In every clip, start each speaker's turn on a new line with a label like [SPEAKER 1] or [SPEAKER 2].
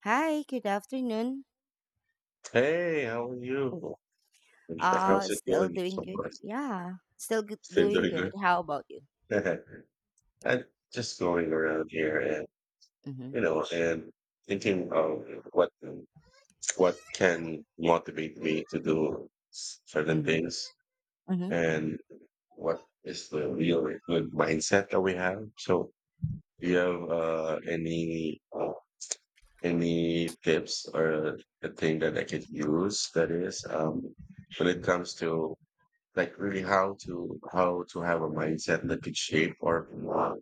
[SPEAKER 1] Hi, good afternoon.
[SPEAKER 2] Hey, how are you? How's it
[SPEAKER 1] Still
[SPEAKER 2] going
[SPEAKER 1] doing
[SPEAKER 2] so
[SPEAKER 1] good.
[SPEAKER 2] far?
[SPEAKER 1] Yeah, still
[SPEAKER 2] Still
[SPEAKER 1] doing
[SPEAKER 2] doing
[SPEAKER 1] good. How about you?
[SPEAKER 2] good? I'm just going around here and
[SPEAKER 1] Mm-hmm.
[SPEAKER 2] you know and thinking of what what can motivate me to do certain
[SPEAKER 1] Mm-hmm.
[SPEAKER 2] things
[SPEAKER 1] Mm-hmm.
[SPEAKER 2] and what is the real good mindset that we have. So, do you have any tips or a thing that I could use that is when it comes to like really how to have a mindset that could shape or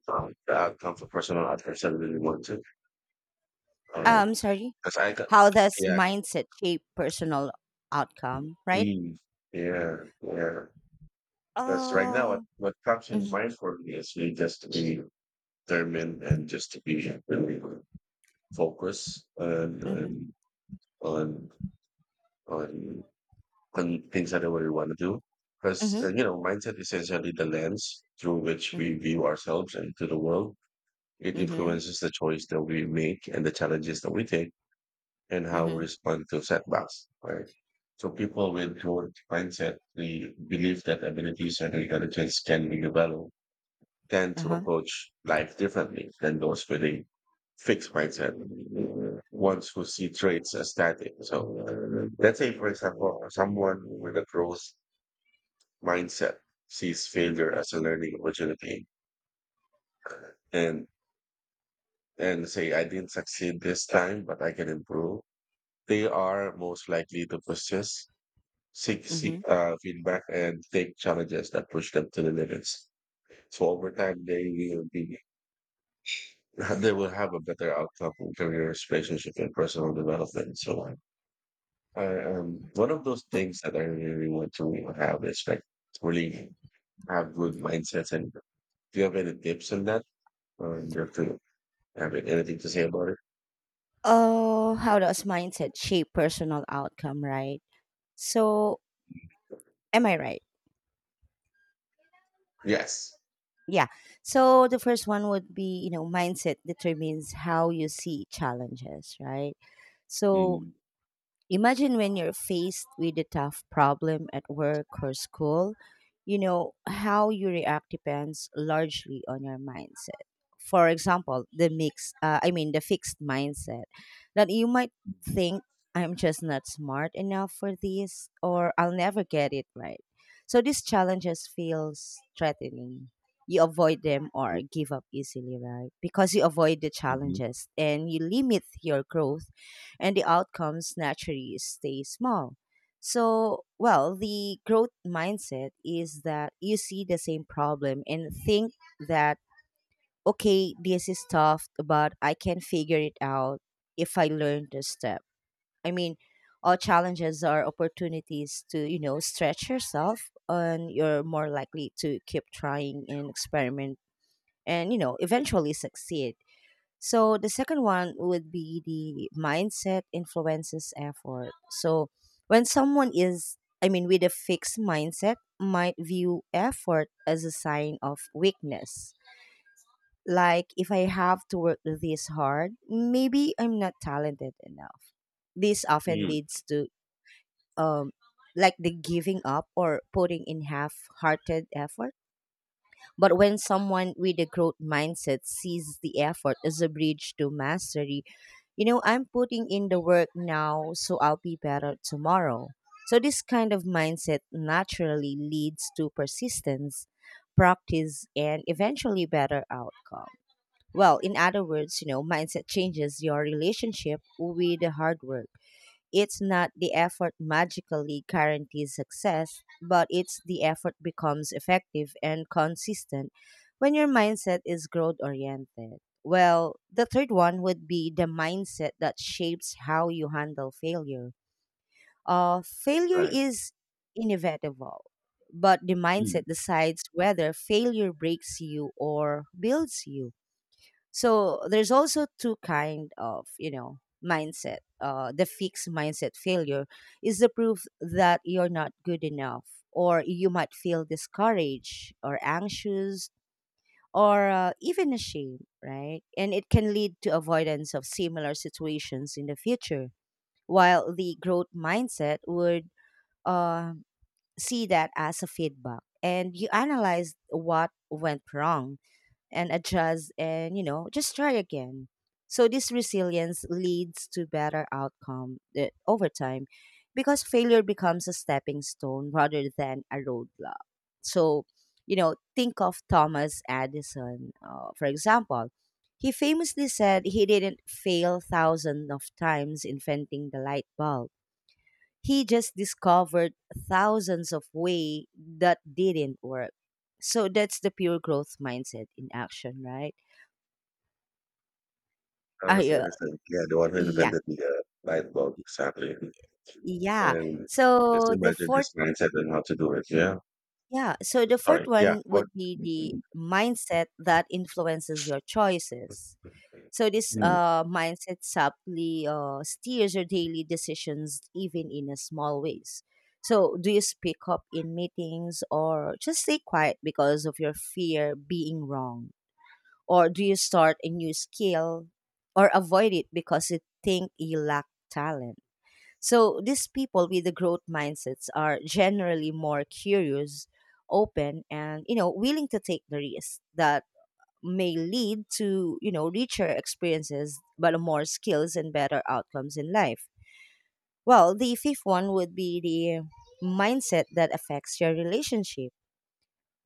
[SPEAKER 2] the outcome for personal others I really want to.
[SPEAKER 1] Sorry.
[SPEAKER 2] Because I got,
[SPEAKER 1] How does
[SPEAKER 2] yeah,
[SPEAKER 1] mindset shape personal outcome, right?
[SPEAKER 2] queen. Yeah, yeah. Because right now what,
[SPEAKER 1] Oh.
[SPEAKER 2] what comes in
[SPEAKER 1] Mm-hmm.
[SPEAKER 2] mind for me is really just to be determined and just to be really focused, and,
[SPEAKER 1] Mm-hmm.
[SPEAKER 2] and on on on things that I really want to do. Because
[SPEAKER 1] Mm-hmm.
[SPEAKER 2] mindset is essentially the lens through which we view ourselves and to the world. It
[SPEAKER 1] Mm-hmm.
[SPEAKER 2] influences the choice that we make and the challenges that we take and how we
[SPEAKER 1] Mm-hmm.
[SPEAKER 2] respond to setbacks, right? So people with growth mindset, the belief that abilities and intelligence can be developed, tend to
[SPEAKER 1] Uh-huh.
[SPEAKER 2] approach life differently than those with a fixed mindset, ones who see traits as static. So let's say, for example, someone with a growth mindset sees failure as a learning opportunity and and say, I didn't succeed this time, but I can improve. They are most likely to persist, seek,
[SPEAKER 1] Mm-hmm.
[SPEAKER 2] seek uh, feedback, and take challenges that push them to the limits. So over time, they will be they will have a better outcome in careers, relationship, and personal development, and so on. One of those things that I really want to have is like really have good mindsets. And do you have any tips on that? Or do you have to have anything to say about it?
[SPEAKER 1] Oh, how does mindset shape personal outcome, right? So, am I right?
[SPEAKER 2] Yes.
[SPEAKER 1] Yeah. So the first one would be, you know, mindset determines how you see challenges, right? So
[SPEAKER 2] Mm-hmm.
[SPEAKER 1] imagine when you're faced with a tough problem at work or school, you know, how you react depends largely on your mindset. For example, I mean, the fixed mindset that you might think, I'm just not smart enough for this, or I'll never get it right. So these challenges feels threatening. You avoid them or give up easily, right? Because you avoid the challenges and you limit your growth, and the outcomes naturally stay small. So, well, the growth mindset is that you see the same problem and think that, okay, this is tough, but I can figure it out if I learn this step. I mean, all challenges are opportunities to, you know, stretch yourself, and you're more likely to keep trying and experiment and, you know, eventually succeed. So the second one would be the mindset influences effort. So when someone is, I mean, with a fixed mindset, might view effort as a sign of weakness. Like if I have to work this hard, maybe I'm not talented enough. This often
[SPEAKER 2] Mm,
[SPEAKER 1] leads to um like the giving up or putting in half-hearted effort. But when someone with a growth mindset sees the effort as a bridge to mastery, you know, I'm putting in the work now, so I'll be better tomorrow. So this kind of mindset naturally leads to persistence, practice, and eventually better outcome. Well, in other words, you know, mindset changes your relationship with the hard work. It's not the effort magically guarantees success, but it's the effort becomes effective and consistent when your mindset is growth oriented. Well, the third one would be the mindset that shapes how you handle failure. Failure
[SPEAKER 2] right.
[SPEAKER 1] is inevitable, but the
[SPEAKER 2] Mm.
[SPEAKER 1] mindset decides whether failure breaks you or builds you. So there's also two kind of, you know, mindset. The fixed mindset failure is the proof that you're not good enough, or you might feel discouraged or anxious, or even ashamed, right? And it can lead to avoidance of similar situations in the future, while the growth mindset would, uh, see that as a feedback, and you analyze what went wrong and adjust and, you know, just try again. So this resilience leads to better outcome over time, because failure becomes a stepping stone rather than a roadblock. So, you know, think of Thomas Edison, for example. He famously said he didn't fail thousands of times inventing the light bulb. He just discovered thousands of ways that didn't work. So that's the pure growth mindset in action, right?
[SPEAKER 2] Thomas
[SPEAKER 1] I, uh,
[SPEAKER 2] Edison, yeah, the one who
[SPEAKER 1] yeah,
[SPEAKER 2] invented the light bulb, exactly.
[SPEAKER 1] yeah.
[SPEAKER 2] And just
[SPEAKER 1] So the
[SPEAKER 2] imagine
[SPEAKER 1] fourth,
[SPEAKER 2] his mindset and how to do it. Yeah.
[SPEAKER 1] yeah. So the
[SPEAKER 2] Sorry.
[SPEAKER 1] fourth
[SPEAKER 2] Yeah.
[SPEAKER 1] one
[SPEAKER 2] What?
[SPEAKER 1] would be the mindset that influences your choices. So this
[SPEAKER 2] Hmm.
[SPEAKER 1] mindset subtly steers your daily decisions, even in a small ways. So do you speak up in meetings or just stay quiet because of your fear being wrong? Or do you start a new skill or avoid it because you think you lack talent? So these people with the growth mindsets are generally more curious, open, and, you know, willing to take the risk that may lead to, you know, richer experiences, but more skills and better outcomes in life. Well, the fifth one would be the mindset that affects your relationship.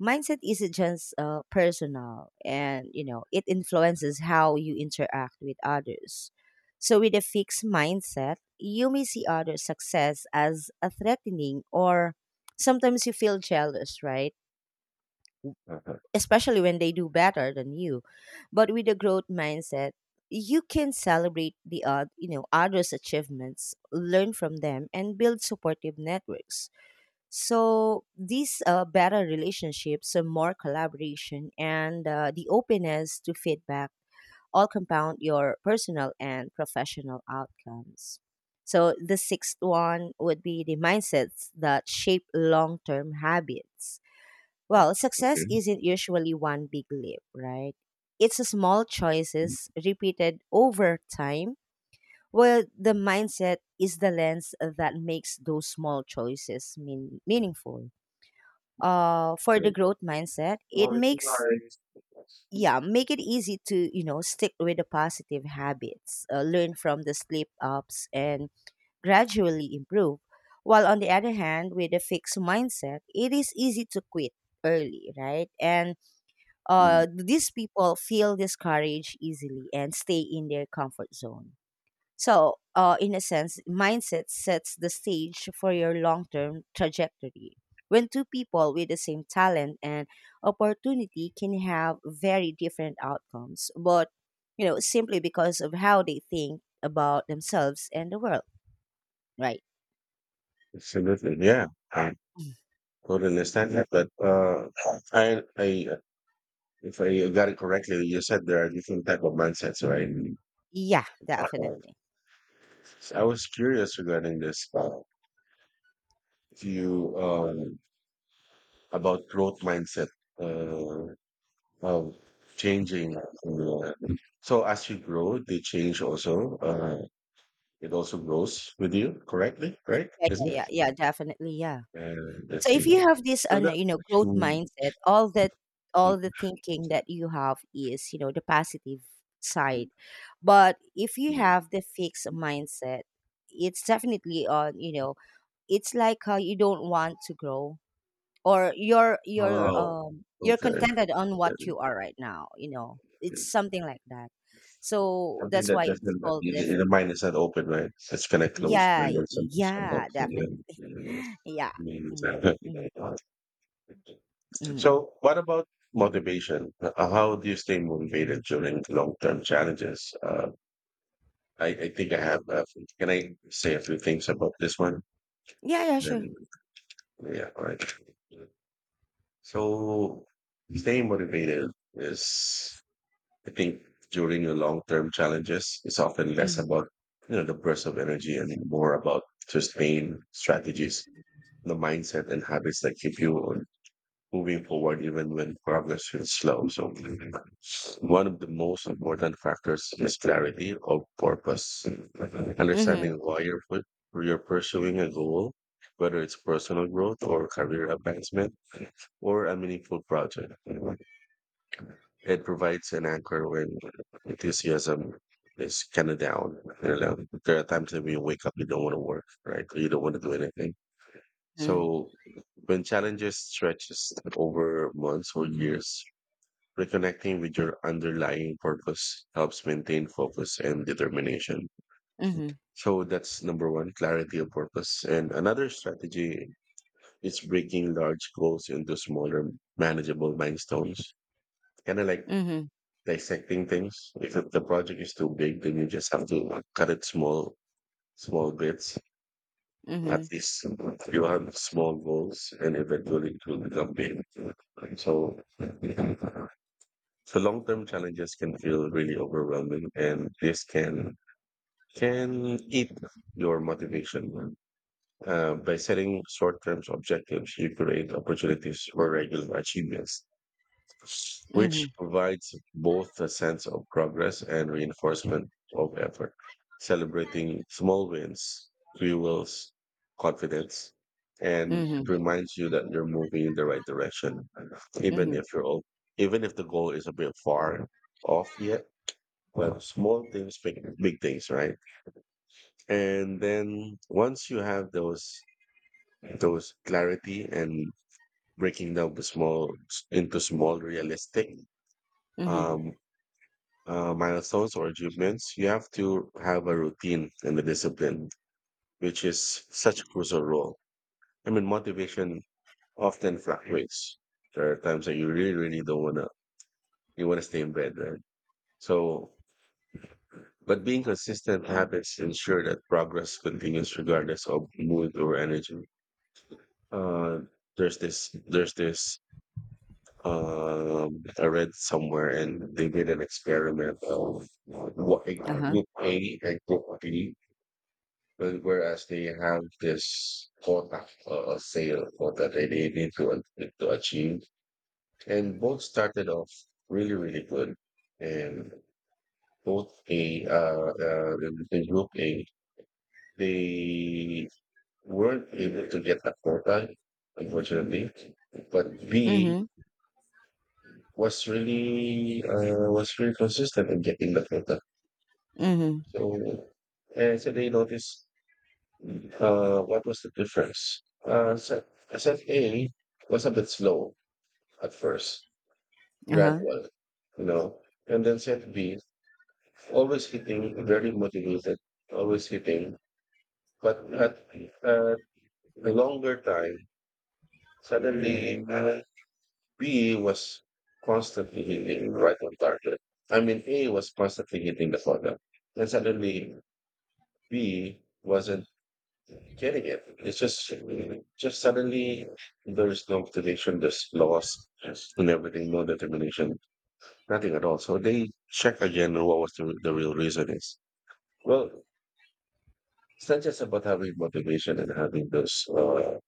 [SPEAKER 1] Mindset isn't just personal, and, you know, it influences how you interact with others. So, with a fixed mindset, you may see others' success as a threatening, or sometimes you feel jealous, right?
[SPEAKER 2] Uh-huh.
[SPEAKER 1] Especially when they do better than you. But with a growth mindset, you can celebrate you know, others' achievements, learn from them, and build supportive networks. So these better relationships, more collaboration, and the openness to feedback all compound your personal and professional outcomes. So the sixth one would be the mindsets that shape long-term habits.
[SPEAKER 2] Uh,
[SPEAKER 1] Well, success
[SPEAKER 2] okay.
[SPEAKER 1] isn't usually one big leap, right? It's a small
[SPEAKER 2] Hmm.
[SPEAKER 1] choices repeated over time. Well, the mindset is the lens that makes those small choices meaningful. For the
[SPEAKER 2] So-
[SPEAKER 1] growth mindset, it makes, yeah, make it easy to, you know, stick with the positive habits, learn from the slip ups, and gradually improve. While on the other hand, with a fixed mindset, it is easy to quit early, right? And
[SPEAKER 2] Hmm.
[SPEAKER 1] these people feel discouraged easily and stay in their comfort zone. So, in a sense, mindset sets the stage for your long term trajectory. When two people with the same talent and opportunity can have very different outcomes, but, you know, simply because of how they think about themselves and the world, right?
[SPEAKER 2] Absolutely. Yeah. I totally understand that. But I, I, if I got it correctly, you said there are different type of mindsets, right?
[SPEAKER 1] Yeah,
[SPEAKER 2] Uh,
[SPEAKER 1] definitely.
[SPEAKER 2] I was curious regarding this. If you about growth mindset. Uh, Wow, changing. So as you grow, they change also. It also grows with you, correctly, right?
[SPEAKER 1] Yeah,
[SPEAKER 2] Isn't
[SPEAKER 1] yeah,
[SPEAKER 2] it?
[SPEAKER 1] yeah, yeah, definitely. Yeah.
[SPEAKER 2] And
[SPEAKER 1] So
[SPEAKER 2] that's
[SPEAKER 1] if
[SPEAKER 2] it.
[SPEAKER 1] you have
[SPEAKER 2] So that.
[SPEAKER 1] you know, growth mindset, all the thinking that you have is, you know, the positive side. But if you have the fixed mindset, it's definitely on, you know, it's like how you don't want to grow, or you're you're
[SPEAKER 2] Wow.
[SPEAKER 1] um you're
[SPEAKER 2] Okay.
[SPEAKER 1] contented on
[SPEAKER 2] Yeah.
[SPEAKER 1] what you are right now, you know. It's something like that. So
[SPEAKER 2] Something
[SPEAKER 1] that's
[SPEAKER 2] that
[SPEAKER 1] why it's
[SPEAKER 2] doesn't,
[SPEAKER 1] called the
[SPEAKER 2] the
[SPEAKER 1] f-.
[SPEAKER 2] the mind is not open, right? It's kind of closed
[SPEAKER 1] Yeah,
[SPEAKER 2] mind or something. Shut up,
[SPEAKER 1] yeah,
[SPEAKER 2] so,
[SPEAKER 1] definitely.
[SPEAKER 2] yeah.
[SPEAKER 1] Yeah.
[SPEAKER 2] Means,
[SPEAKER 1] Mm, mm, mm.
[SPEAKER 2] so, what about motivation? How do you stay motivated during long term challenges? I think I have that. Can I say a few things about this one?
[SPEAKER 1] Yeah, yeah, sure.
[SPEAKER 2] Then, yeah, all right. So, staying motivated is, I think, during the long term challenges, it's often less
[SPEAKER 1] Mm-hmm.
[SPEAKER 2] about, the burst of energy and more about sustained strategies, the mindset and habits that keep you on moving forward even when progress feels slow. So, one of the most important factors is clarity of purpose. Understanding
[SPEAKER 1] Mhm,
[SPEAKER 2] why you're pursuing a goal, whether it's personal growth or career advancement or a meaningful project. It provides an anchor when enthusiasm is kind of down. You know, there are times that when you wake up, you don't want to work, right? Or you don't want to do anything.
[SPEAKER 1] mhm,
[SPEAKER 2] So when challenges stretches over months or years, reconnecting with your underlying purpose helps maintain focus and determination.
[SPEAKER 1] mhm,
[SPEAKER 2] So that's number one, clarity of purpose. And another strategy is breaking large goals into smaller, manageable milestones. Kind of like
[SPEAKER 1] mhm,
[SPEAKER 2] dissecting things. If it- the project is too big, then you just have to cut it small, small bits. At
[SPEAKER 1] mhm,
[SPEAKER 2] least you have small goals and eventually it will become big. So So long-term challenges can feel really overwhelming, and this can eat your motivation. By setting short-term objectives, you create opportunities for regular achievements which
[SPEAKER 1] mhm,
[SPEAKER 2] provides both a sense of progress and reinforcement of effort. Celebrating small wins fuels confidence and
[SPEAKER 1] mhm,
[SPEAKER 2] it reminds you that you're moving in the right direction, even
[SPEAKER 1] mhm,
[SPEAKER 2] if you're old, even if the goal is a bit far off yet. Well, small things, make big things, right? And then once you have those clarity and breaking down the small into small realistic
[SPEAKER 1] mhm,
[SPEAKER 2] um milestones or achievements, you have to have a routine and a discipline, which is such a crucial role. I mean, motivation often fluctuates. There are times that you really, really don't wanna, you wanna stay in bed, right? So, but being consistent habits ensure that progress continues regardless of mood or energy. Uh, there's this, there's this. I read somewhere, and they did an experiment of what a
[SPEAKER 1] uh-huh,
[SPEAKER 2] group A and group B. But whereas they have this quota or sale quota that they need to achieve. And both started off really, really good. And both A, in group A, they weren't able to get the quota, unfortunately. But B
[SPEAKER 1] mhm,
[SPEAKER 2] was really consistent in getting the quota.
[SPEAKER 1] mhm,
[SPEAKER 2] So, and so they noticed. What was the difference? Set A was a bit slow at first,
[SPEAKER 1] uh-huh,
[SPEAKER 2] gradual, you know, and then set B, always hitting, very motivated, always hitting, but at a longer time, suddenly B was constantly hitting right on target. I mean, A was constantly hitting the corner, and suddenly B wasn't getting it. It's just suddenly there's no motivation, there's loss and everything, no determination, nothing at all. So they check again what was the real reason is. Well, it's not just about having motivation and having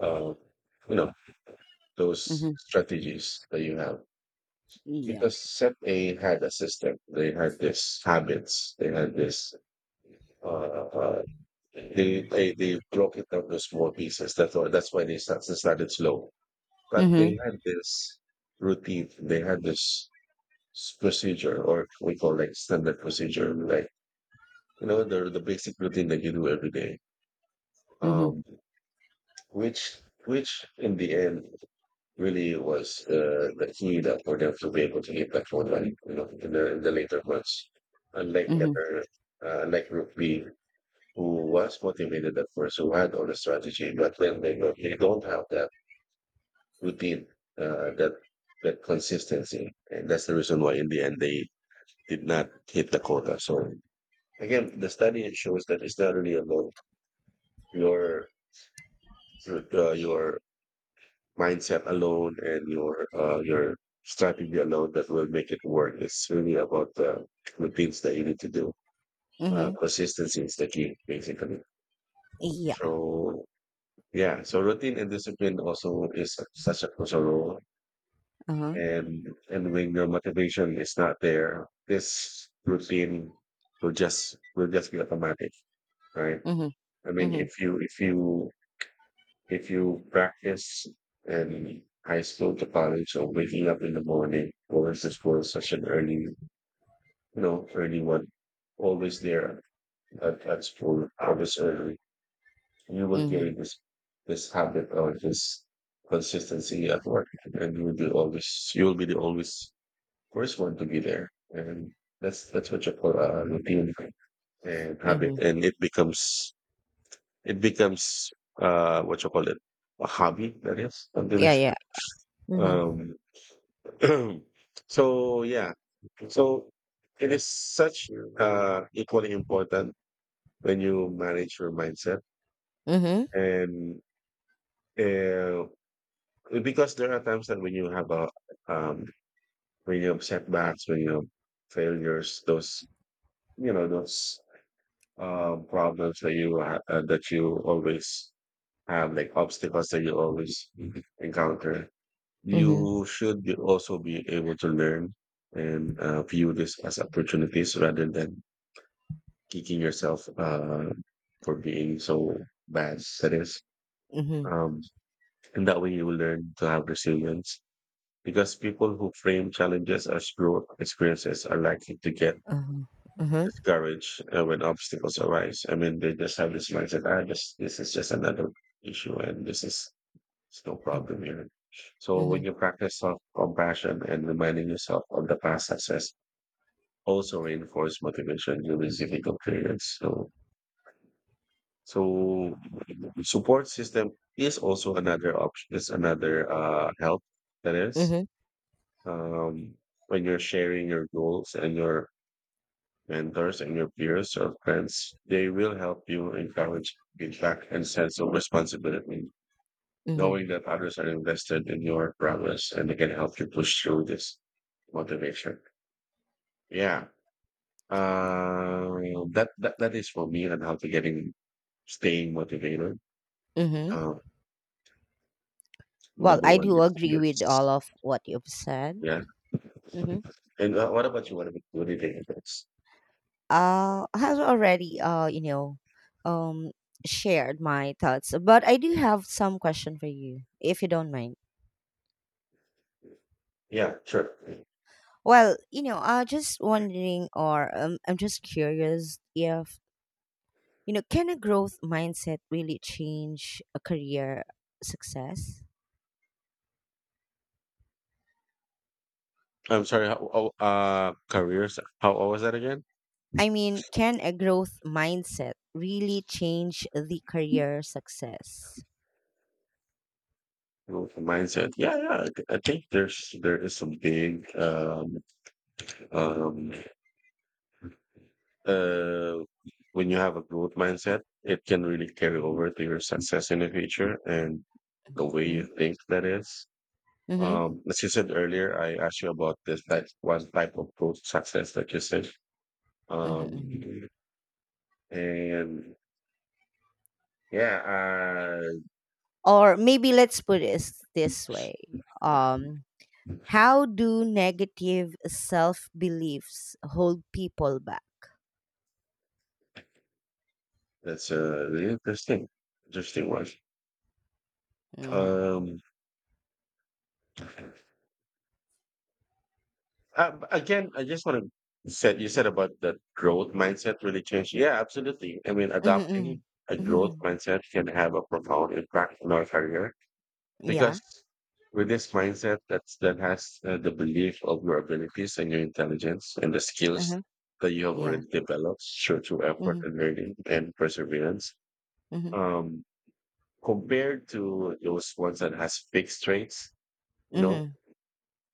[SPEAKER 2] uh you know, those
[SPEAKER 1] mhm,
[SPEAKER 2] strategies that you have.
[SPEAKER 1] yeah,
[SPEAKER 2] Because set A had a system, they had this habits, they had this uh, uh they broke it down to small pieces. That's why they started slow. But
[SPEAKER 1] mhm,
[SPEAKER 2] they had this routine, they had this procedure, or we call like standard procedure, like you know the basic routine that you do every day.
[SPEAKER 1] mhm,
[SPEAKER 2] Um, which which in the end really was the key that for them to be able to get that one right, you know, in the later months. Unlike
[SPEAKER 1] mhm,
[SPEAKER 2] never, like Group B, who was motivated at first, who had all the strategy, but then they go, they don't have that who did uh, that that consistency, and that's the reason why in the end they did not hit the quota. So again, the study shows that it's not really about your your mindset alone and your your strategy alone that will make it work. It's really about the routines that you need to do.
[SPEAKER 1] mhm,
[SPEAKER 2] Consistency is the key, basically.
[SPEAKER 1] yeah,
[SPEAKER 2] So yeah, so routine and discipline also is such a crucial role
[SPEAKER 1] uh-huh,
[SPEAKER 2] and when your motivation is not there, this routine will just be automatic, right?
[SPEAKER 1] mhm,
[SPEAKER 2] I mean,
[SPEAKER 1] mhm,
[SPEAKER 2] if you if you practice in high school to college, or waking up in the morning, going to school such an early, you know, early one, always there at school, always early, you will
[SPEAKER 1] mhm,
[SPEAKER 2] carry this habit or this consistency at work, and you will be always you will be the always course want to be there and that's what you call a routine and habit
[SPEAKER 1] mhm,
[SPEAKER 2] and it becomes what you call it a hobby that is something
[SPEAKER 1] yeah,
[SPEAKER 2] like
[SPEAKER 1] yeah,
[SPEAKER 2] that.
[SPEAKER 1] mhm,
[SPEAKER 2] um so yeah so it is such equally important when you manage your mindset
[SPEAKER 1] mhm,
[SPEAKER 2] and uh, because there are times that um when you have setbacks, when you have failures, those you know those problems that you always have, like obstacles that you always encounter. You
[SPEAKER 1] mhm,
[SPEAKER 2] should be also be able to learn and view this as opportunities rather than kicking yourself for being so bad. That is,
[SPEAKER 1] mhm,
[SPEAKER 2] um, and that way you will learn to have resilience. Because people who frame challenges as growth experiences are likely to get
[SPEAKER 1] uh-huh, uh-huh,
[SPEAKER 2] discouraged when obstacles arise. I mean, they just have this mindset, just this is just another issue and this is it's no
[SPEAKER 1] mhm,
[SPEAKER 2] problem here. So when
[SPEAKER 1] mhm,
[SPEAKER 2] you practice self-compassion and reminding yourself of the past success, also reinforce motivation during difficult periods. So support system is also another option. Is another help that is um, when you're sharing your goals and your mentors, and your peers or friends. They will help you encourage feedback and sense of responsibility,
[SPEAKER 1] mhm,
[SPEAKER 2] knowing that others are invested in your progress and they can help you push through this motivation. Yeah. That is for me on how to getting staying motivated.
[SPEAKER 1] mhm.
[SPEAKER 2] Uh,
[SPEAKER 1] Well,
[SPEAKER 2] Number
[SPEAKER 1] I
[SPEAKER 2] one
[SPEAKER 1] do
[SPEAKER 2] is
[SPEAKER 1] agree with all
[SPEAKER 2] yes.
[SPEAKER 1] of what you've said.
[SPEAKER 2] Yeah.
[SPEAKER 1] Mhm.
[SPEAKER 2] And what about you? What about what do you think of
[SPEAKER 1] Has already, you know, um shared my thoughts, but I do have some question for you if you don't mind.
[SPEAKER 2] Yeah, sure.
[SPEAKER 1] Well, you know, just wondering, or I'm just curious if, you know, can a growth mindset really change a career success.
[SPEAKER 2] I'm sorry. How, oh, careers. How, what was that again?
[SPEAKER 1] I mean, can a growth mindset really change the career success?
[SPEAKER 2] Growth mindset. Yeah, yeah. I think there is some big um uh when you have a growth mindset, it can really carry over to your success in the future and the way
[SPEAKER 1] Hmm.
[SPEAKER 2] you think that is.
[SPEAKER 1] Hmm.
[SPEAKER 2] As you said earlier, I asked you about this like one type of growth success that you said. Um,
[SPEAKER 1] Hmm.
[SPEAKER 2] and yeah,
[SPEAKER 1] Or maybe let's put it this way. um How do negative self beliefs hold people back?
[SPEAKER 2] that's a really interesting one.
[SPEAKER 1] Mm-hmm.
[SPEAKER 2] Um, Again, I just want to said you said about the growth mindset really changed. Yeah, absolutely. I mean,
[SPEAKER 1] Mm-hmm. Mm-hmm.
[SPEAKER 2] adopting a growth
[SPEAKER 1] Mm-hmm.
[SPEAKER 2] mindset can have a profound impact on our career
[SPEAKER 1] Yeah.
[SPEAKER 2] because with this mindset that has the belief of your abilities and your intelligence and the skills
[SPEAKER 1] Uh-huh.
[SPEAKER 2] that you have
[SPEAKER 1] Yeah.
[SPEAKER 2] already developed through effort
[SPEAKER 1] Mm-hmm.
[SPEAKER 2] and learning and perseverance.
[SPEAKER 1] Mm-hmm.
[SPEAKER 2] Um, compared to those ones that has fixed traits, you know,
[SPEAKER 1] Mm-hmm.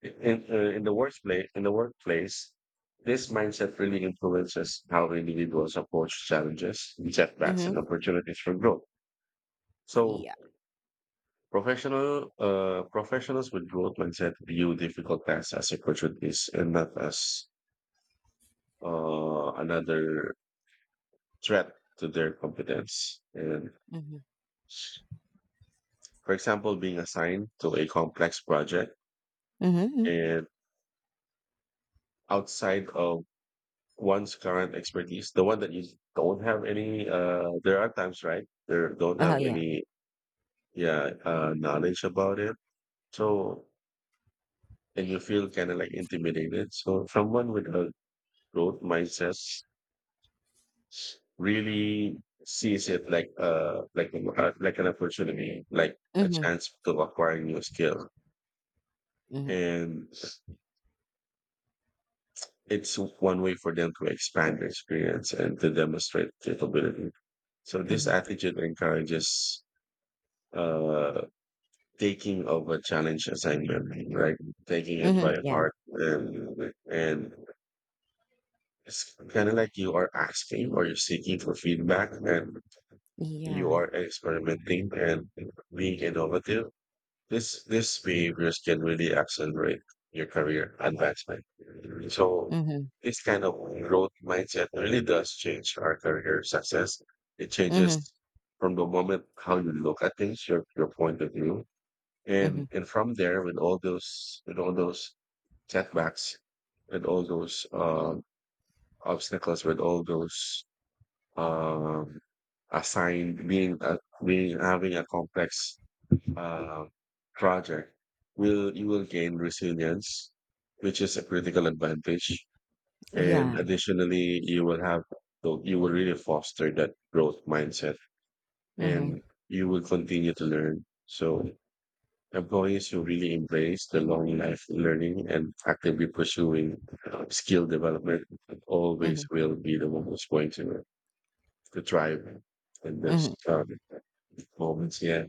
[SPEAKER 2] in the workplace this mindset really influences how individuals approach challenges, setbacks,
[SPEAKER 1] Mm-hmm.
[SPEAKER 2] and opportunities for growth. So
[SPEAKER 1] Yeah.
[SPEAKER 2] professionals with growth mindset view difficult tasks as opportunities and not as another threat to their competence. And
[SPEAKER 1] Mm-hmm.
[SPEAKER 2] for example, being assigned to a complex project
[SPEAKER 1] Mm-hmm.
[SPEAKER 2] and outside of one's current expertise, the one that you don't have any, there are times, right? There don't
[SPEAKER 1] Oh
[SPEAKER 2] have
[SPEAKER 1] yeah.
[SPEAKER 2] any, yeah, knowledge about it. So, and you feel kind of like intimidated. So, someone with a growth mindset really sees it like, like an opportunity, like a
[SPEAKER 1] Mm-hmm.
[SPEAKER 2] chance to acquire new skill.
[SPEAKER 1] Mm-hmm.
[SPEAKER 2] And it's one way for them to expand their experience and to demonstrate capability. So this
[SPEAKER 1] Mm-hmm.
[SPEAKER 2] attitude encourages uh, taking of a challenge assignment, right? Taking it
[SPEAKER 1] Mm-hmm.
[SPEAKER 2] by
[SPEAKER 1] Yeah.
[SPEAKER 2] heart, and it's kind of like you are asking or you're seeking for feedback, and you
[SPEAKER 1] Yeah.
[SPEAKER 2] are experimenting and being innovative. This behaviors can really accelerate your career advancement. So
[SPEAKER 1] Mm-hmm.
[SPEAKER 2] this kind of growth mindset really does change our career success. It changes
[SPEAKER 1] Mm-hmm.
[SPEAKER 2] from the moment how you look at things, your point of view, and
[SPEAKER 1] Mm-hmm.
[SPEAKER 2] and from there with all those setbacks, with all those obstacles, with all those um assigned being a, being having a complex uh, project. Will you will gain resilience, which is a critical advantage. And
[SPEAKER 1] Yeah.
[SPEAKER 2] additionally, you will have you will really foster that growth mindset,
[SPEAKER 1] Mm-hmm.
[SPEAKER 2] and you will continue to learn. So employees who really embrace the long life learning and actively pursuing skill development always
[SPEAKER 1] Mm-hmm.
[SPEAKER 2] will be the ones going to thrive in this
[SPEAKER 1] Mm-hmm.
[SPEAKER 2] moments. Yeah.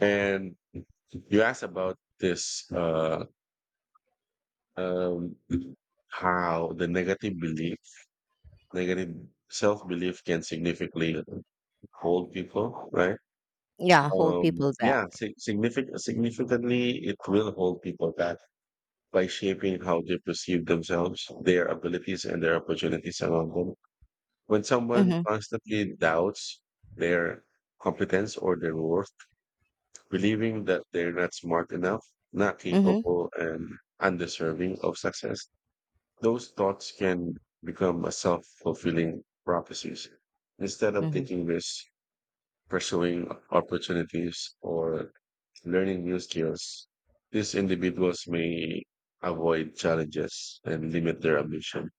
[SPEAKER 2] And you asked about this, um, how the negative self belief can significantly hold people, right?
[SPEAKER 1] Yeah. Hold people back.
[SPEAKER 2] Significantly, it will hold people back by shaping how they perceive themselves, their abilities, and their opportunities around them. When someone
[SPEAKER 1] Mm-hmm.
[SPEAKER 2] constantly doubts their competence or their worth, believing that they're not smart enough, not
[SPEAKER 1] Mm-hmm.
[SPEAKER 2] capable, and undeserving of success, those thoughts can become a self-fulfilling prophecies. Instead of
[SPEAKER 1] Mm-hmm.
[SPEAKER 2] taking risks, pursuing opportunities, or learning new skills, these individuals may avoid challenges and limit their ambition,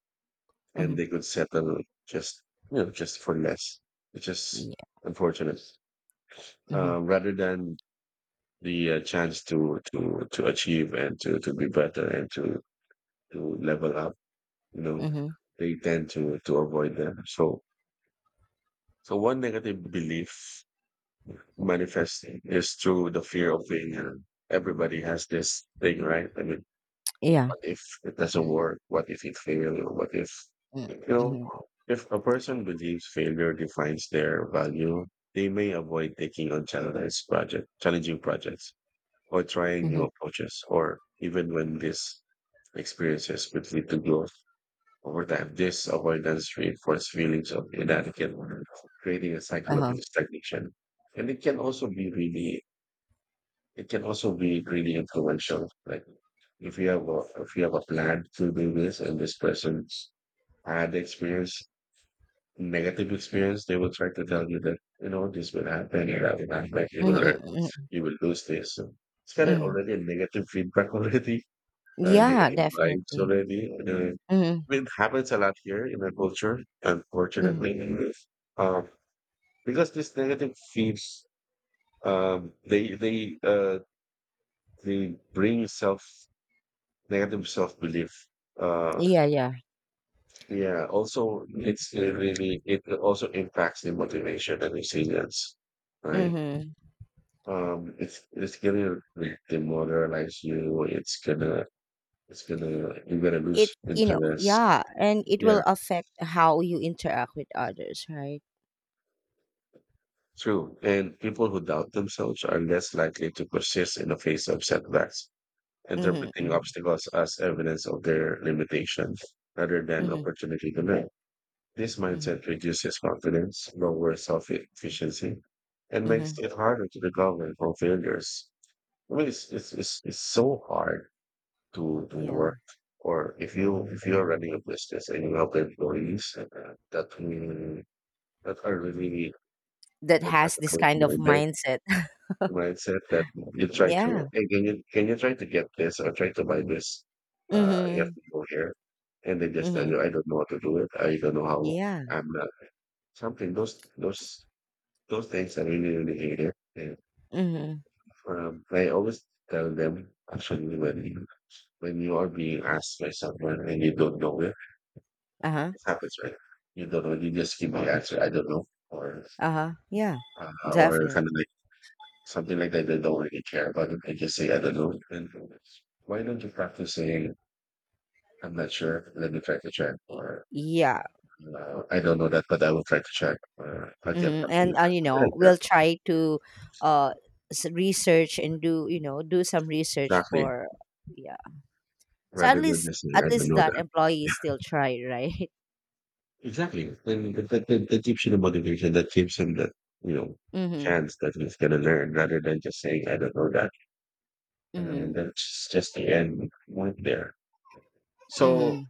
[SPEAKER 2] and
[SPEAKER 1] Mm-hmm.
[SPEAKER 2] they could settle just just for less, which is
[SPEAKER 1] Yeah.
[SPEAKER 2] unfortunate.
[SPEAKER 1] Mm-hmm.
[SPEAKER 2] Rather than the chance to achieve and to be better and to level up, you know,
[SPEAKER 1] Mm-hmm.
[SPEAKER 2] they tend to avoid them. So so one negative belief manifesting is through the fear of failure. Everybody has this thing, right? I mean,
[SPEAKER 1] Yeah.
[SPEAKER 2] what if it doesn't work? What if it fails? What if,
[SPEAKER 1] Mm-hmm.
[SPEAKER 2] you know,
[SPEAKER 1] Mm-hmm.
[SPEAKER 2] if a person believes failure defines their value, they may avoid taking on challenging projects or trying new
[SPEAKER 1] Mm-hmm.
[SPEAKER 2] approaches, or even when these experiences could lead to growth over time. This avoidance reinforces feelings of inadequate, creating a cycle of
[SPEAKER 1] Uh-huh.
[SPEAKER 2] stagnation. And it can also be really influential. Like if you have a plan to do this and this person had negative experience, they will try to tell you that, you know, this will happen, that will happen, like, learn,
[SPEAKER 1] Mm-hmm. Mm-hmm.
[SPEAKER 2] you will lose this. So it's kind of
[SPEAKER 1] Mm-hmm.
[SPEAKER 2] already a negative feedback already,
[SPEAKER 1] Yeah,
[SPEAKER 2] negative vibes
[SPEAKER 1] definitely.
[SPEAKER 2] already. And,
[SPEAKER 1] Mhm,
[SPEAKER 2] it happens a lot here in our culture,
[SPEAKER 1] mhm.
[SPEAKER 2] unfortunately. Um, because this negative feeds, um, they they uh, they bring self negative self belief. uh,
[SPEAKER 1] Yeah, yeah.
[SPEAKER 2] Yeah, also it really it also impacts the motivation and resilience, right?
[SPEAKER 1] Mhm.
[SPEAKER 2] It's gonna demoralize you. It's gonna you're gonna lose
[SPEAKER 1] It you know,
[SPEAKER 2] interest.
[SPEAKER 1] yeah, and it
[SPEAKER 2] Yeah,
[SPEAKER 1] will affect how you interact with others, right?
[SPEAKER 2] true. And people who doubt themselves are less likely to persist in the face of setbacks,
[SPEAKER 1] Mhm,
[SPEAKER 2] interpreting
[SPEAKER 1] mhm.
[SPEAKER 2] obstacles as evidence of their limitations rather than
[SPEAKER 1] Mhm,
[SPEAKER 2] opportunity to learn. This
[SPEAKER 1] mhm.
[SPEAKER 2] mindset reduces confidence, lowers self efficiency, and makes
[SPEAKER 1] Mhm.
[SPEAKER 2] it harder to recover from failures. I mean, it's so hard to
[SPEAKER 1] Yeah.
[SPEAKER 2] work. Or if you are running a business and you have employees that mm, that are really
[SPEAKER 1] That
[SPEAKER 2] that has
[SPEAKER 1] has
[SPEAKER 2] a
[SPEAKER 1] this
[SPEAKER 2] close
[SPEAKER 1] kind of
[SPEAKER 2] minded
[SPEAKER 1] mindset.
[SPEAKER 2] mindset. That you try to,
[SPEAKER 1] Yeah.
[SPEAKER 2] hey, can you try to get this or try to buy this, you have
[SPEAKER 1] Mhm.
[SPEAKER 2] to go here, and they just tell
[SPEAKER 1] Mhm.
[SPEAKER 2] you, I don't know how to do it, I don't know how,
[SPEAKER 1] Yeah.
[SPEAKER 2] I'm not something, those. Those things I really hate it. And
[SPEAKER 1] Mhm.
[SPEAKER 2] I always tell them, actually, when you are being asked by someone and you don't know it,
[SPEAKER 1] Uh-huh.
[SPEAKER 2] it happens, right? You don't know, you just give the answer, I don't know, or
[SPEAKER 1] Uh-huh. Yeah.
[SPEAKER 2] or
[SPEAKER 1] Definitely.
[SPEAKER 2] kind of like something like that. They don't really care about it. They just say, I don't know. And why don't you practice saying, I'm not sure, let me try to check,
[SPEAKER 1] Y-
[SPEAKER 2] or
[SPEAKER 1] Yeah.
[SPEAKER 2] I don't know that, but I will try to check, or I'll get
[SPEAKER 1] Mhm.
[SPEAKER 2] back to you,"
[SPEAKER 1] And, you
[SPEAKER 2] something
[SPEAKER 1] know,
[SPEAKER 2] like that.
[SPEAKER 1] we'll try to uh research and do, you know, do some research
[SPEAKER 2] Exactly.
[SPEAKER 1] for, yeah. So at
[SPEAKER 2] Rather than
[SPEAKER 1] least,
[SPEAKER 2] just saying,
[SPEAKER 1] at
[SPEAKER 2] I don't
[SPEAKER 1] least
[SPEAKER 2] know
[SPEAKER 1] that
[SPEAKER 2] that.
[SPEAKER 1] employee still tried, right?
[SPEAKER 2] Exactly. And that gives you the motivation, that gives him the, you know,
[SPEAKER 1] Mhm.
[SPEAKER 2] chance that he's going to learn rather than just saying, I don't know that. And
[SPEAKER 1] Mhm.
[SPEAKER 2] that's just the end point there. So
[SPEAKER 1] Mhm.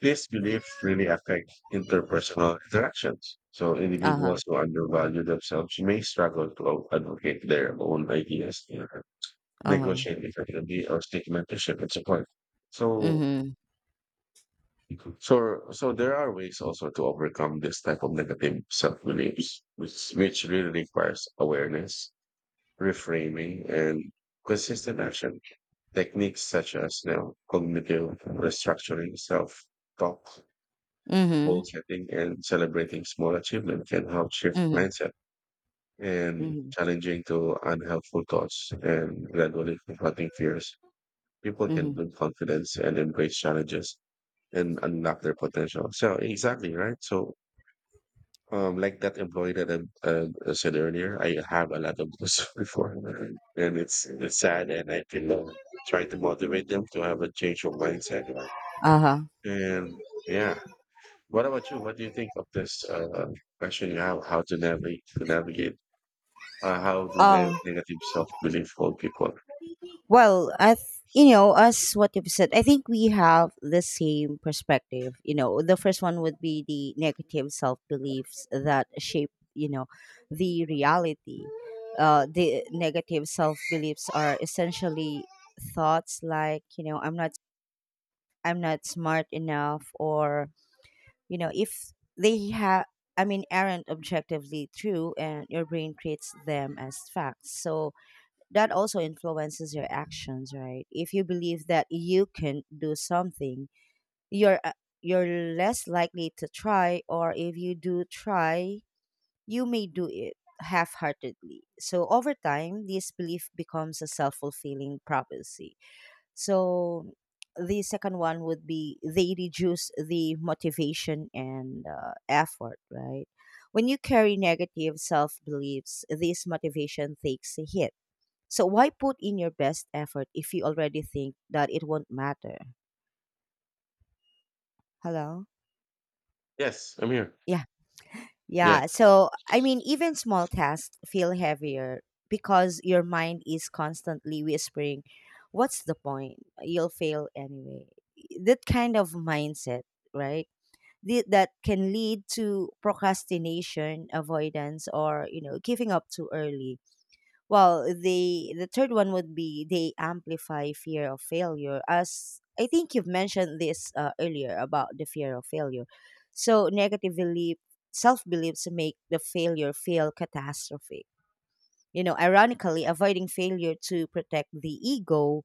[SPEAKER 2] this belief really affects interpersonal interactions. So
[SPEAKER 1] Uh-huh.
[SPEAKER 2] individuals who undervalue themselves may struggle to advocate their own ideas, you know,
[SPEAKER 1] Uh-huh.
[SPEAKER 2] negotiate effectively, or seek mentorship and support. So
[SPEAKER 1] Mhm.
[SPEAKER 2] so, so there are ways also to overcome this type of negative self-beliefs, which really requires awareness, reframing, and consistent action. Techniques such as you know, cognitive restructuring, self-talk, goal
[SPEAKER 1] Mhm.
[SPEAKER 2] setting, and celebrating small achievements can help shift
[SPEAKER 1] Mhm.
[SPEAKER 2] mindset and
[SPEAKER 1] Mhm.
[SPEAKER 2] challenging to unhelpful thoughts and gradually confronting fears. People can
[SPEAKER 1] Mhm.
[SPEAKER 2] build confidence and embrace challenges and unlock their potential. So exactly right. So um, like that employee that I said earlier, I have a lot of those before, and it's sad, and I can try to motivate them to have a change of mindset.
[SPEAKER 1] Uh-huh.
[SPEAKER 2] And yeah, what about you? What do you think of this question you have? How to navigate? How do
[SPEAKER 1] Uh,
[SPEAKER 2] negative self belief hold people?
[SPEAKER 1] well, you know, us what you've said, I think we have the same perspective. You know, the first one would be the negative self beliefs that shape, you know, the reality. The negative self beliefs are essentially thoughts like, you know, I'm not smart enough, or, you know, if they have, I mean, aren't objectively true, and your brain treats them as facts. So that also influences your actions, right? If you believe that you can do something, you're uh, you're less likely to try, or if you do try, you may do it half-heartedly. So over time, this belief becomes a self-fulfilling prophecy. So the second one would be they reduce the motivation and, effort, right? When you carry negative self beliefs, this motivation takes a hit. So why put in your best effort if you already think that it won't matter? Hello?
[SPEAKER 2] Yes, I'm here.
[SPEAKER 1] Yeah.
[SPEAKER 2] Yeah.
[SPEAKER 1] Yeah. So, I mean, even small tasks feel heavier because your mind is constantly whispering, what's the point? You'll fail anyway. That kind of mindset, right? That can lead to procrastination, avoidance, or, you know, giving up too early. Well, the third one would be they amplify fear of failure. As I think you've mentioned this earlier about the fear of failure. So negatively self beliefs make the failure feel catastrophic. You know, ironically, avoiding failure to protect the ego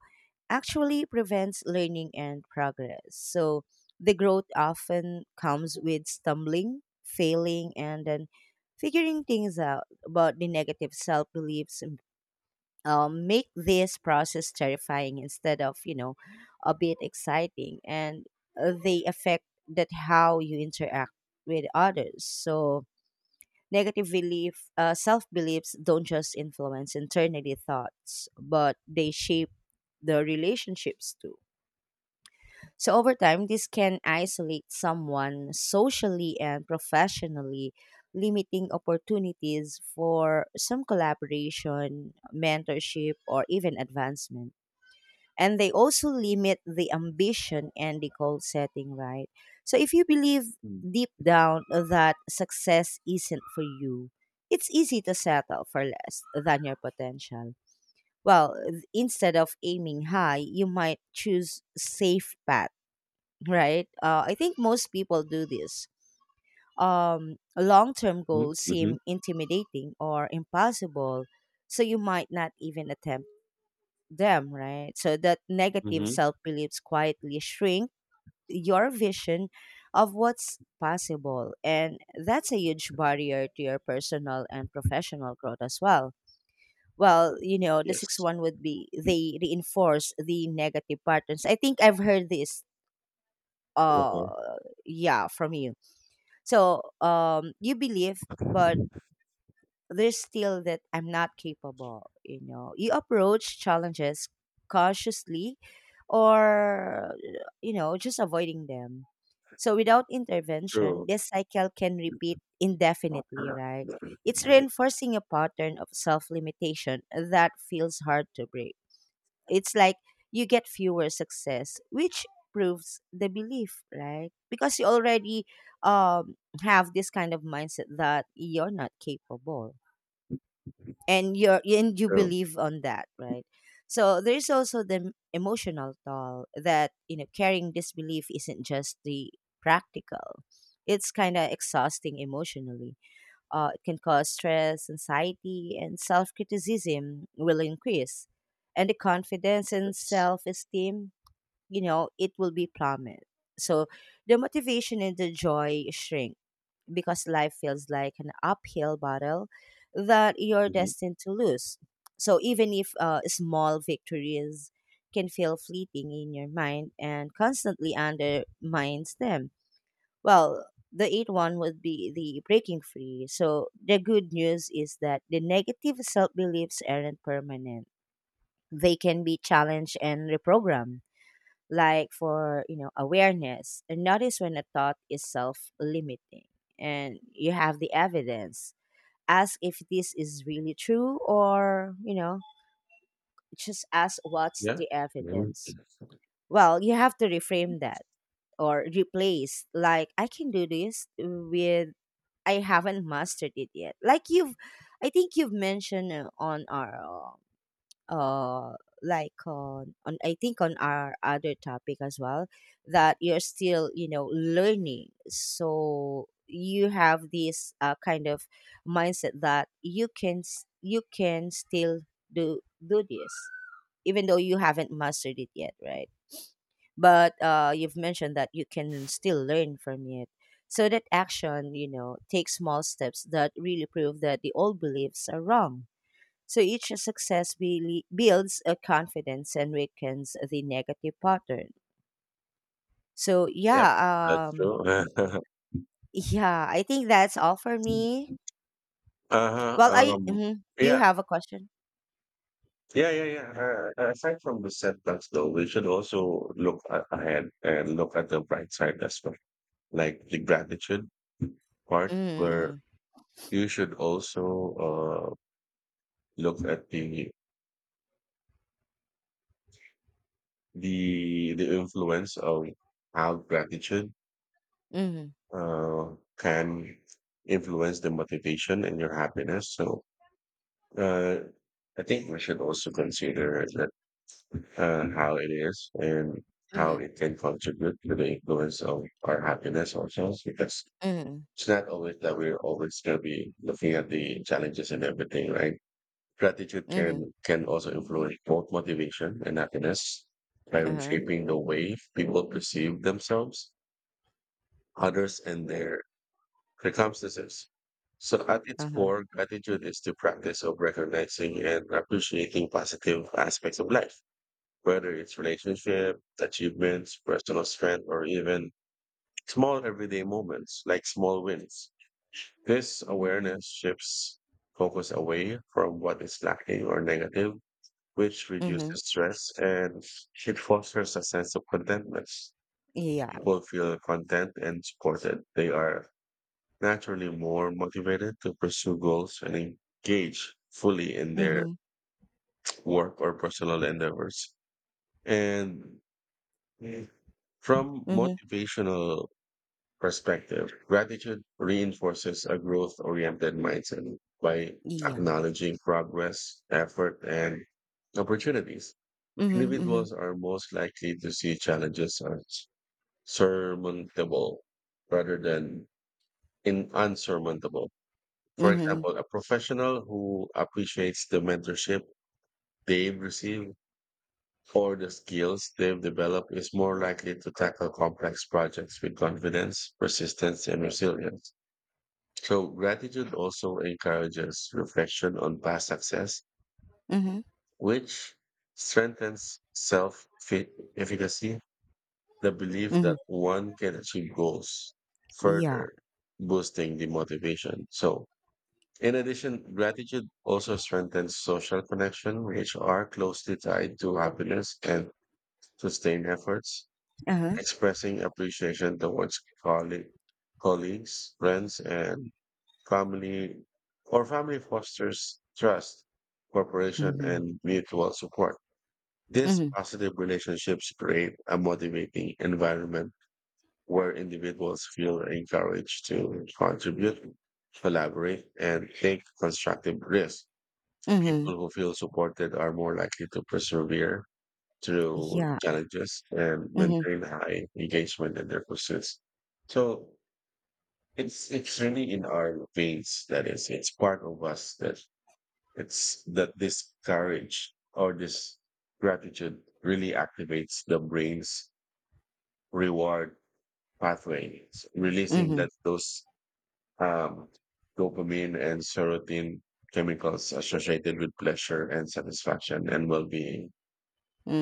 [SPEAKER 1] actually prevents learning and progress. So the growth often comes with stumbling, failing, and then figuring things out. But the negative self beliefs, make this process terrifying instead of, you know, a bit exciting. And they affect that how you interact with others. So self beliefs don't just influence internally thoughts, but they shape the relationships too. So over time, this can isolate someone socially and professionally, limiting opportunities for some collaboration, mentorship, or even advancement. And they also limit the ambition and the goal setting, right? So if you believe
[SPEAKER 2] Mm-hmm.
[SPEAKER 1] deep down that success isn't for you, it's easy to settle for less than your potential. Well, instead of aiming high, you might choose safe paths right? I think most people do this. Long term goals
[SPEAKER 2] Mm-hmm.
[SPEAKER 1] seem intimidating or impossible, so you might not even attempt them, right? So that negative
[SPEAKER 2] Hmm.
[SPEAKER 1] self beliefs quietly shrink your vision of what's possible. And that's a huge barrier to your personal and professional growth as well. Well, you know, the sixth
[SPEAKER 2] Yes.
[SPEAKER 1] one would be they reinforce the negative patterns. I think I've heard this uh
[SPEAKER 2] Uh-huh.
[SPEAKER 1] yeah from you. So you believe, but there's still that I'm not capable. You know, you approach challenges cautiously, or you know, just avoiding them. So without intervention,
[SPEAKER 2] True.
[SPEAKER 1] this cycle can repeat indefinitely, right? It's reinforcing a pattern of self limitation that feels hard to break. It's like you get fewer success, which proves the belief, right? Because you already um have this kind of mindset that you're not capable and you
[SPEAKER 2] True.
[SPEAKER 1] believe on that, right? So there's also the emotional toll that you know carrying this belief isn't just the practical. It's kind of exhausting emotionally, it can cause stress, anxiety, and self criticism will increase. And the confidence and
[SPEAKER 2] Yes.
[SPEAKER 1] self esteem, you know, it will be plummet. So the motivation and the joy shrink because life feels like an uphill battle that you're
[SPEAKER 2] Hmm.
[SPEAKER 1] destined to lose. So even if small victories can feel fleeting in your mind and constantly undermines them. Well, the eighth one would be the breaking free. So the good news is that the negative self beliefs aren't permanent. They can be challenged and reprogrammed. Like for, you know, awareness. And notice when a thought is self limiting and you have the evidence. Ask if this is really true or, you know, just ask what's
[SPEAKER 2] Yeah.
[SPEAKER 1] the
[SPEAKER 2] Hmm.
[SPEAKER 1] evidence. Well, you have to reframe that or replace like I can do this with I haven't mastered it yet. Like you've, I think you've mentioned on our, uh, uh, I think on our other topic as well, that you're still, you know, learning. So you have this kind of mindset that you you can still do this, even though you haven't mastered it yet, right? But you've mentioned that you can still learn from it. So that action, you know, takes small steps that really prove that the old beliefs are wrong. So each success really builds a confidence and weakens the negative pattern. So
[SPEAKER 2] Yep.
[SPEAKER 1] yeah,
[SPEAKER 2] That's true.
[SPEAKER 1] yeah, I think that's all for me.
[SPEAKER 2] Uh-huh.
[SPEAKER 1] Well, I mhm. You
[SPEAKER 2] Yeah,
[SPEAKER 1] have a question?
[SPEAKER 2] yeah. Aside from the setbacks, though, we should also look ahead and look at the bright side as well, like the gratitude part, where
[SPEAKER 1] Mm-hmm.
[SPEAKER 2] you should also uh, look at the influence of how gratitude
[SPEAKER 1] Mm-hmm.
[SPEAKER 2] can influence the motivation and your happiness. So, uh, I think we should also consider how it is and how it
[SPEAKER 1] Mm-hmm.
[SPEAKER 2] can contribute to the influence of our happiness ourselves because
[SPEAKER 1] Mm-hmm.
[SPEAKER 2] it's not always that we're always going to be looking at the challenges and everything, right? Gratitude
[SPEAKER 1] Mm-hmm.
[SPEAKER 2] can also influence both motivation and happiness by
[SPEAKER 1] Uh-huh.
[SPEAKER 2] shaping the way people perceive themselves, others, and their circumstances. So at its
[SPEAKER 1] Uh-huh.
[SPEAKER 2] core, gratitude is the practice of recognizing and appreciating positive aspects of life whether it's relationship, achievements, personal strength, or even small everyday moments like small wins. This awareness shifts focus away from what is lacking or negative, which
[SPEAKER 1] Mm-hmm.
[SPEAKER 2] reduces stress and it fosters a sense of contentment.
[SPEAKER 1] Yeah.
[SPEAKER 2] People feel content and supported. They are naturally more motivated to pursue goals and engage fully in their
[SPEAKER 1] Mm-hmm.
[SPEAKER 2] work or personal endeavors. And from
[SPEAKER 1] Mm-hmm.
[SPEAKER 2] motivational perspective, gratitude reinforces a growth-oriented mindset by
[SPEAKER 1] Yeah.
[SPEAKER 2] acknowledging progress, effort, and opportunities.
[SPEAKER 1] Mm-hmm. Mm-hmm.
[SPEAKER 2] Individuals are most likely to see challenges as surmountable rather than in unsurmountable. For
[SPEAKER 1] Mhm,
[SPEAKER 2] example, a professional who appreciates the mentorship they've received for the skills they've developed is more likely to tackle complex projects with confidence, persistence, and resilience. So gratitude also encourages reflection on past success,
[SPEAKER 1] mhm,
[SPEAKER 2] which strengthens self-efficacy, the belief
[SPEAKER 1] mhm.
[SPEAKER 2] that one can achieve goals,
[SPEAKER 1] Yeah.
[SPEAKER 2] further boosting the motivation. So in addition, gratitude also strengthens social connection, which are closely tied to happiness and sustained efforts.
[SPEAKER 1] Uh-huh.
[SPEAKER 2] Expressing appreciation towards colleagues, friends, and family family fosters trust, cooperation,
[SPEAKER 1] Mhm,
[SPEAKER 2] and mutual support. These
[SPEAKER 1] mhm,
[SPEAKER 2] positive relationships create a motivating environment where individuals feel encouraged to contribute, collaborate, and take constructive risks.
[SPEAKER 1] mhm.
[SPEAKER 2] People who feel supported are more likely to persevere through
[SPEAKER 1] Yeah.
[SPEAKER 2] challenges and
[SPEAKER 1] Mhm,
[SPEAKER 2] maintain high engagement in their pursuits. So it's really in our veins. That is, it's part of us that it's that this courage or this gratitude really activates the brain's reward pathways, releasing
[SPEAKER 1] mhm,
[SPEAKER 2] that those um, dopamine and serotonin chemicals associated with pleasure and satisfaction and well-being.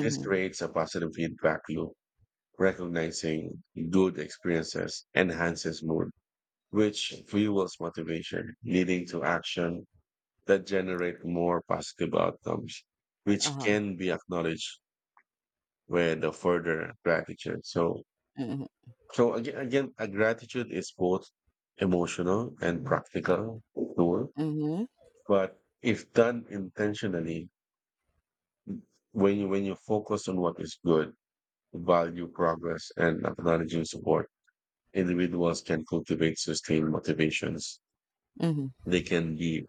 [SPEAKER 2] This creates a positive feedback loop. Recognizing good experiences enhances mood, which fuels motivation, leading to action that generate more positive outcomes, which
[SPEAKER 1] Uh-huh.
[SPEAKER 2] can be acknowledged with a further gratitude. So,
[SPEAKER 1] Mhm,
[SPEAKER 2] so again, a gratitude is both emotional and practical tool,
[SPEAKER 1] mhm,
[SPEAKER 2] but if done intentionally, when you focus on what is good, value progress and acknowledging support, individuals can cultivate sustained motivations.
[SPEAKER 1] mhm.
[SPEAKER 2] They can be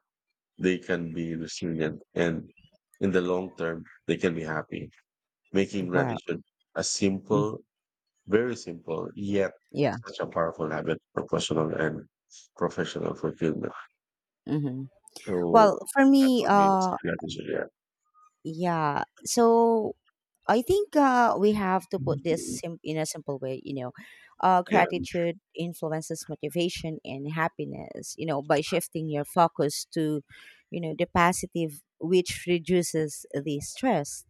[SPEAKER 2] they can be resilient and in the long term they can be happy. Making
[SPEAKER 1] Wow.
[SPEAKER 2] gratitude a
[SPEAKER 1] Mm.
[SPEAKER 2] simple, very simple, yet
[SPEAKER 1] Yeah.
[SPEAKER 2] such a powerful habit for personal and professional fulfillment.
[SPEAKER 1] Mhm.
[SPEAKER 2] So
[SPEAKER 1] Well, for
[SPEAKER 2] that
[SPEAKER 1] me,
[SPEAKER 2] for me is gratitude. Yeah.
[SPEAKER 1] yeah. So I think we have to put this
[SPEAKER 2] Mhm.
[SPEAKER 1] in a simple way, you know.
[SPEAKER 2] Yeah.
[SPEAKER 1] Gratitude influences motivation and happiness, you know, by shifting your focus to, you know, the positive, which reduces the stress,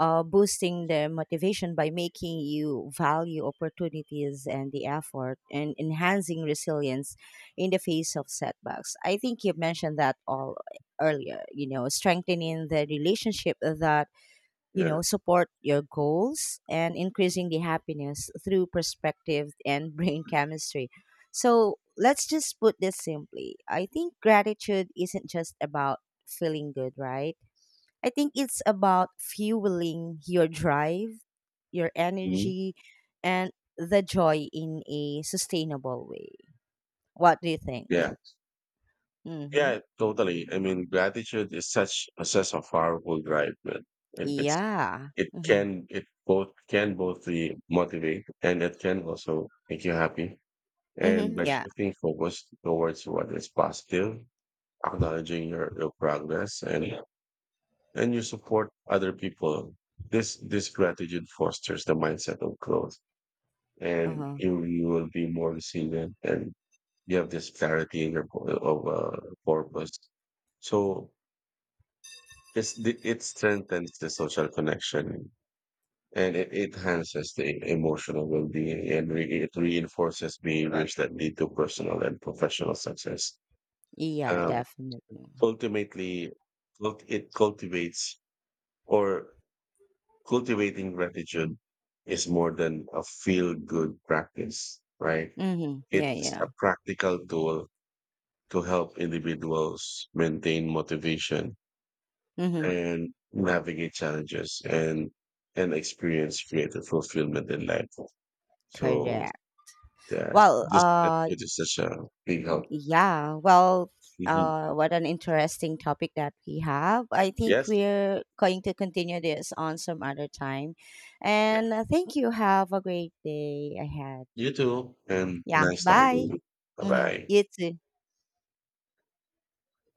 [SPEAKER 1] boosting their motivation by making you value opportunities and the effort and enhancing resilience in the face of setbacks. I think you mentioned that all earlier, you know, strengthening the relationship that, you
[SPEAKER 2] Yeah.
[SPEAKER 1] know, support your goals and increasing the happiness through perspective and brain chemistry. So let's just put this simply. I think gratitude isn't just about feeling good, right? I think it's about fueling your drive, your
[SPEAKER 2] Mhm.
[SPEAKER 1] energy, and the joy in a sustainable way. What do you think?
[SPEAKER 2] Yeah.
[SPEAKER 1] Mm-hmm.
[SPEAKER 2] Yeah, totally. I mean, gratitude is such a such a powerful drive, man. It's
[SPEAKER 1] Yeah.
[SPEAKER 2] it
[SPEAKER 1] Mm-hmm.
[SPEAKER 2] can it both can both the motivate and it can also make you happy. And
[SPEAKER 1] Mm-hmm.
[SPEAKER 2] by
[SPEAKER 1] Yeah.
[SPEAKER 2] shifting focus towards what is positive, acknowledging your progress and yeah, and you support other people. This gratitude fosters the mindset of growth and
[SPEAKER 1] Uh-huh.
[SPEAKER 2] you will be more resilient and you have this clarity in your po- of purpose. So it's the, it strengthens the social connection and it enhances the emotional well-being and it reinforces behaviors that lead to personal and professional success.
[SPEAKER 1] Yeah,
[SPEAKER 2] Um,
[SPEAKER 1] definitely.
[SPEAKER 2] ultimately, cult- it cultivates or cultivating gratitude is more than a feel-good practice, right?
[SPEAKER 1] Mm-hmm. Yeah,
[SPEAKER 2] It's
[SPEAKER 1] yeah.
[SPEAKER 2] a practical tool to help individuals maintain motivation
[SPEAKER 1] Mm-hmm.
[SPEAKER 2] and navigate challenges and experience creative fulfillment in life. So
[SPEAKER 1] Correct.
[SPEAKER 2] yes,
[SPEAKER 1] Well,
[SPEAKER 2] this gratitude is such a big help.
[SPEAKER 1] yeah, well,
[SPEAKER 2] Mhm.
[SPEAKER 1] what an interesting topic that we have. I think
[SPEAKER 2] Yes.
[SPEAKER 1] we're going to continue this on some other time.
[SPEAKER 2] Yeah.
[SPEAKER 1] And thank you. Have a great day ahead.
[SPEAKER 2] You too. And
[SPEAKER 1] Yeah,
[SPEAKER 2] nice talking to
[SPEAKER 1] bye.
[SPEAKER 2] you. Bye
[SPEAKER 1] Hmm.
[SPEAKER 2] bye.
[SPEAKER 1] You too.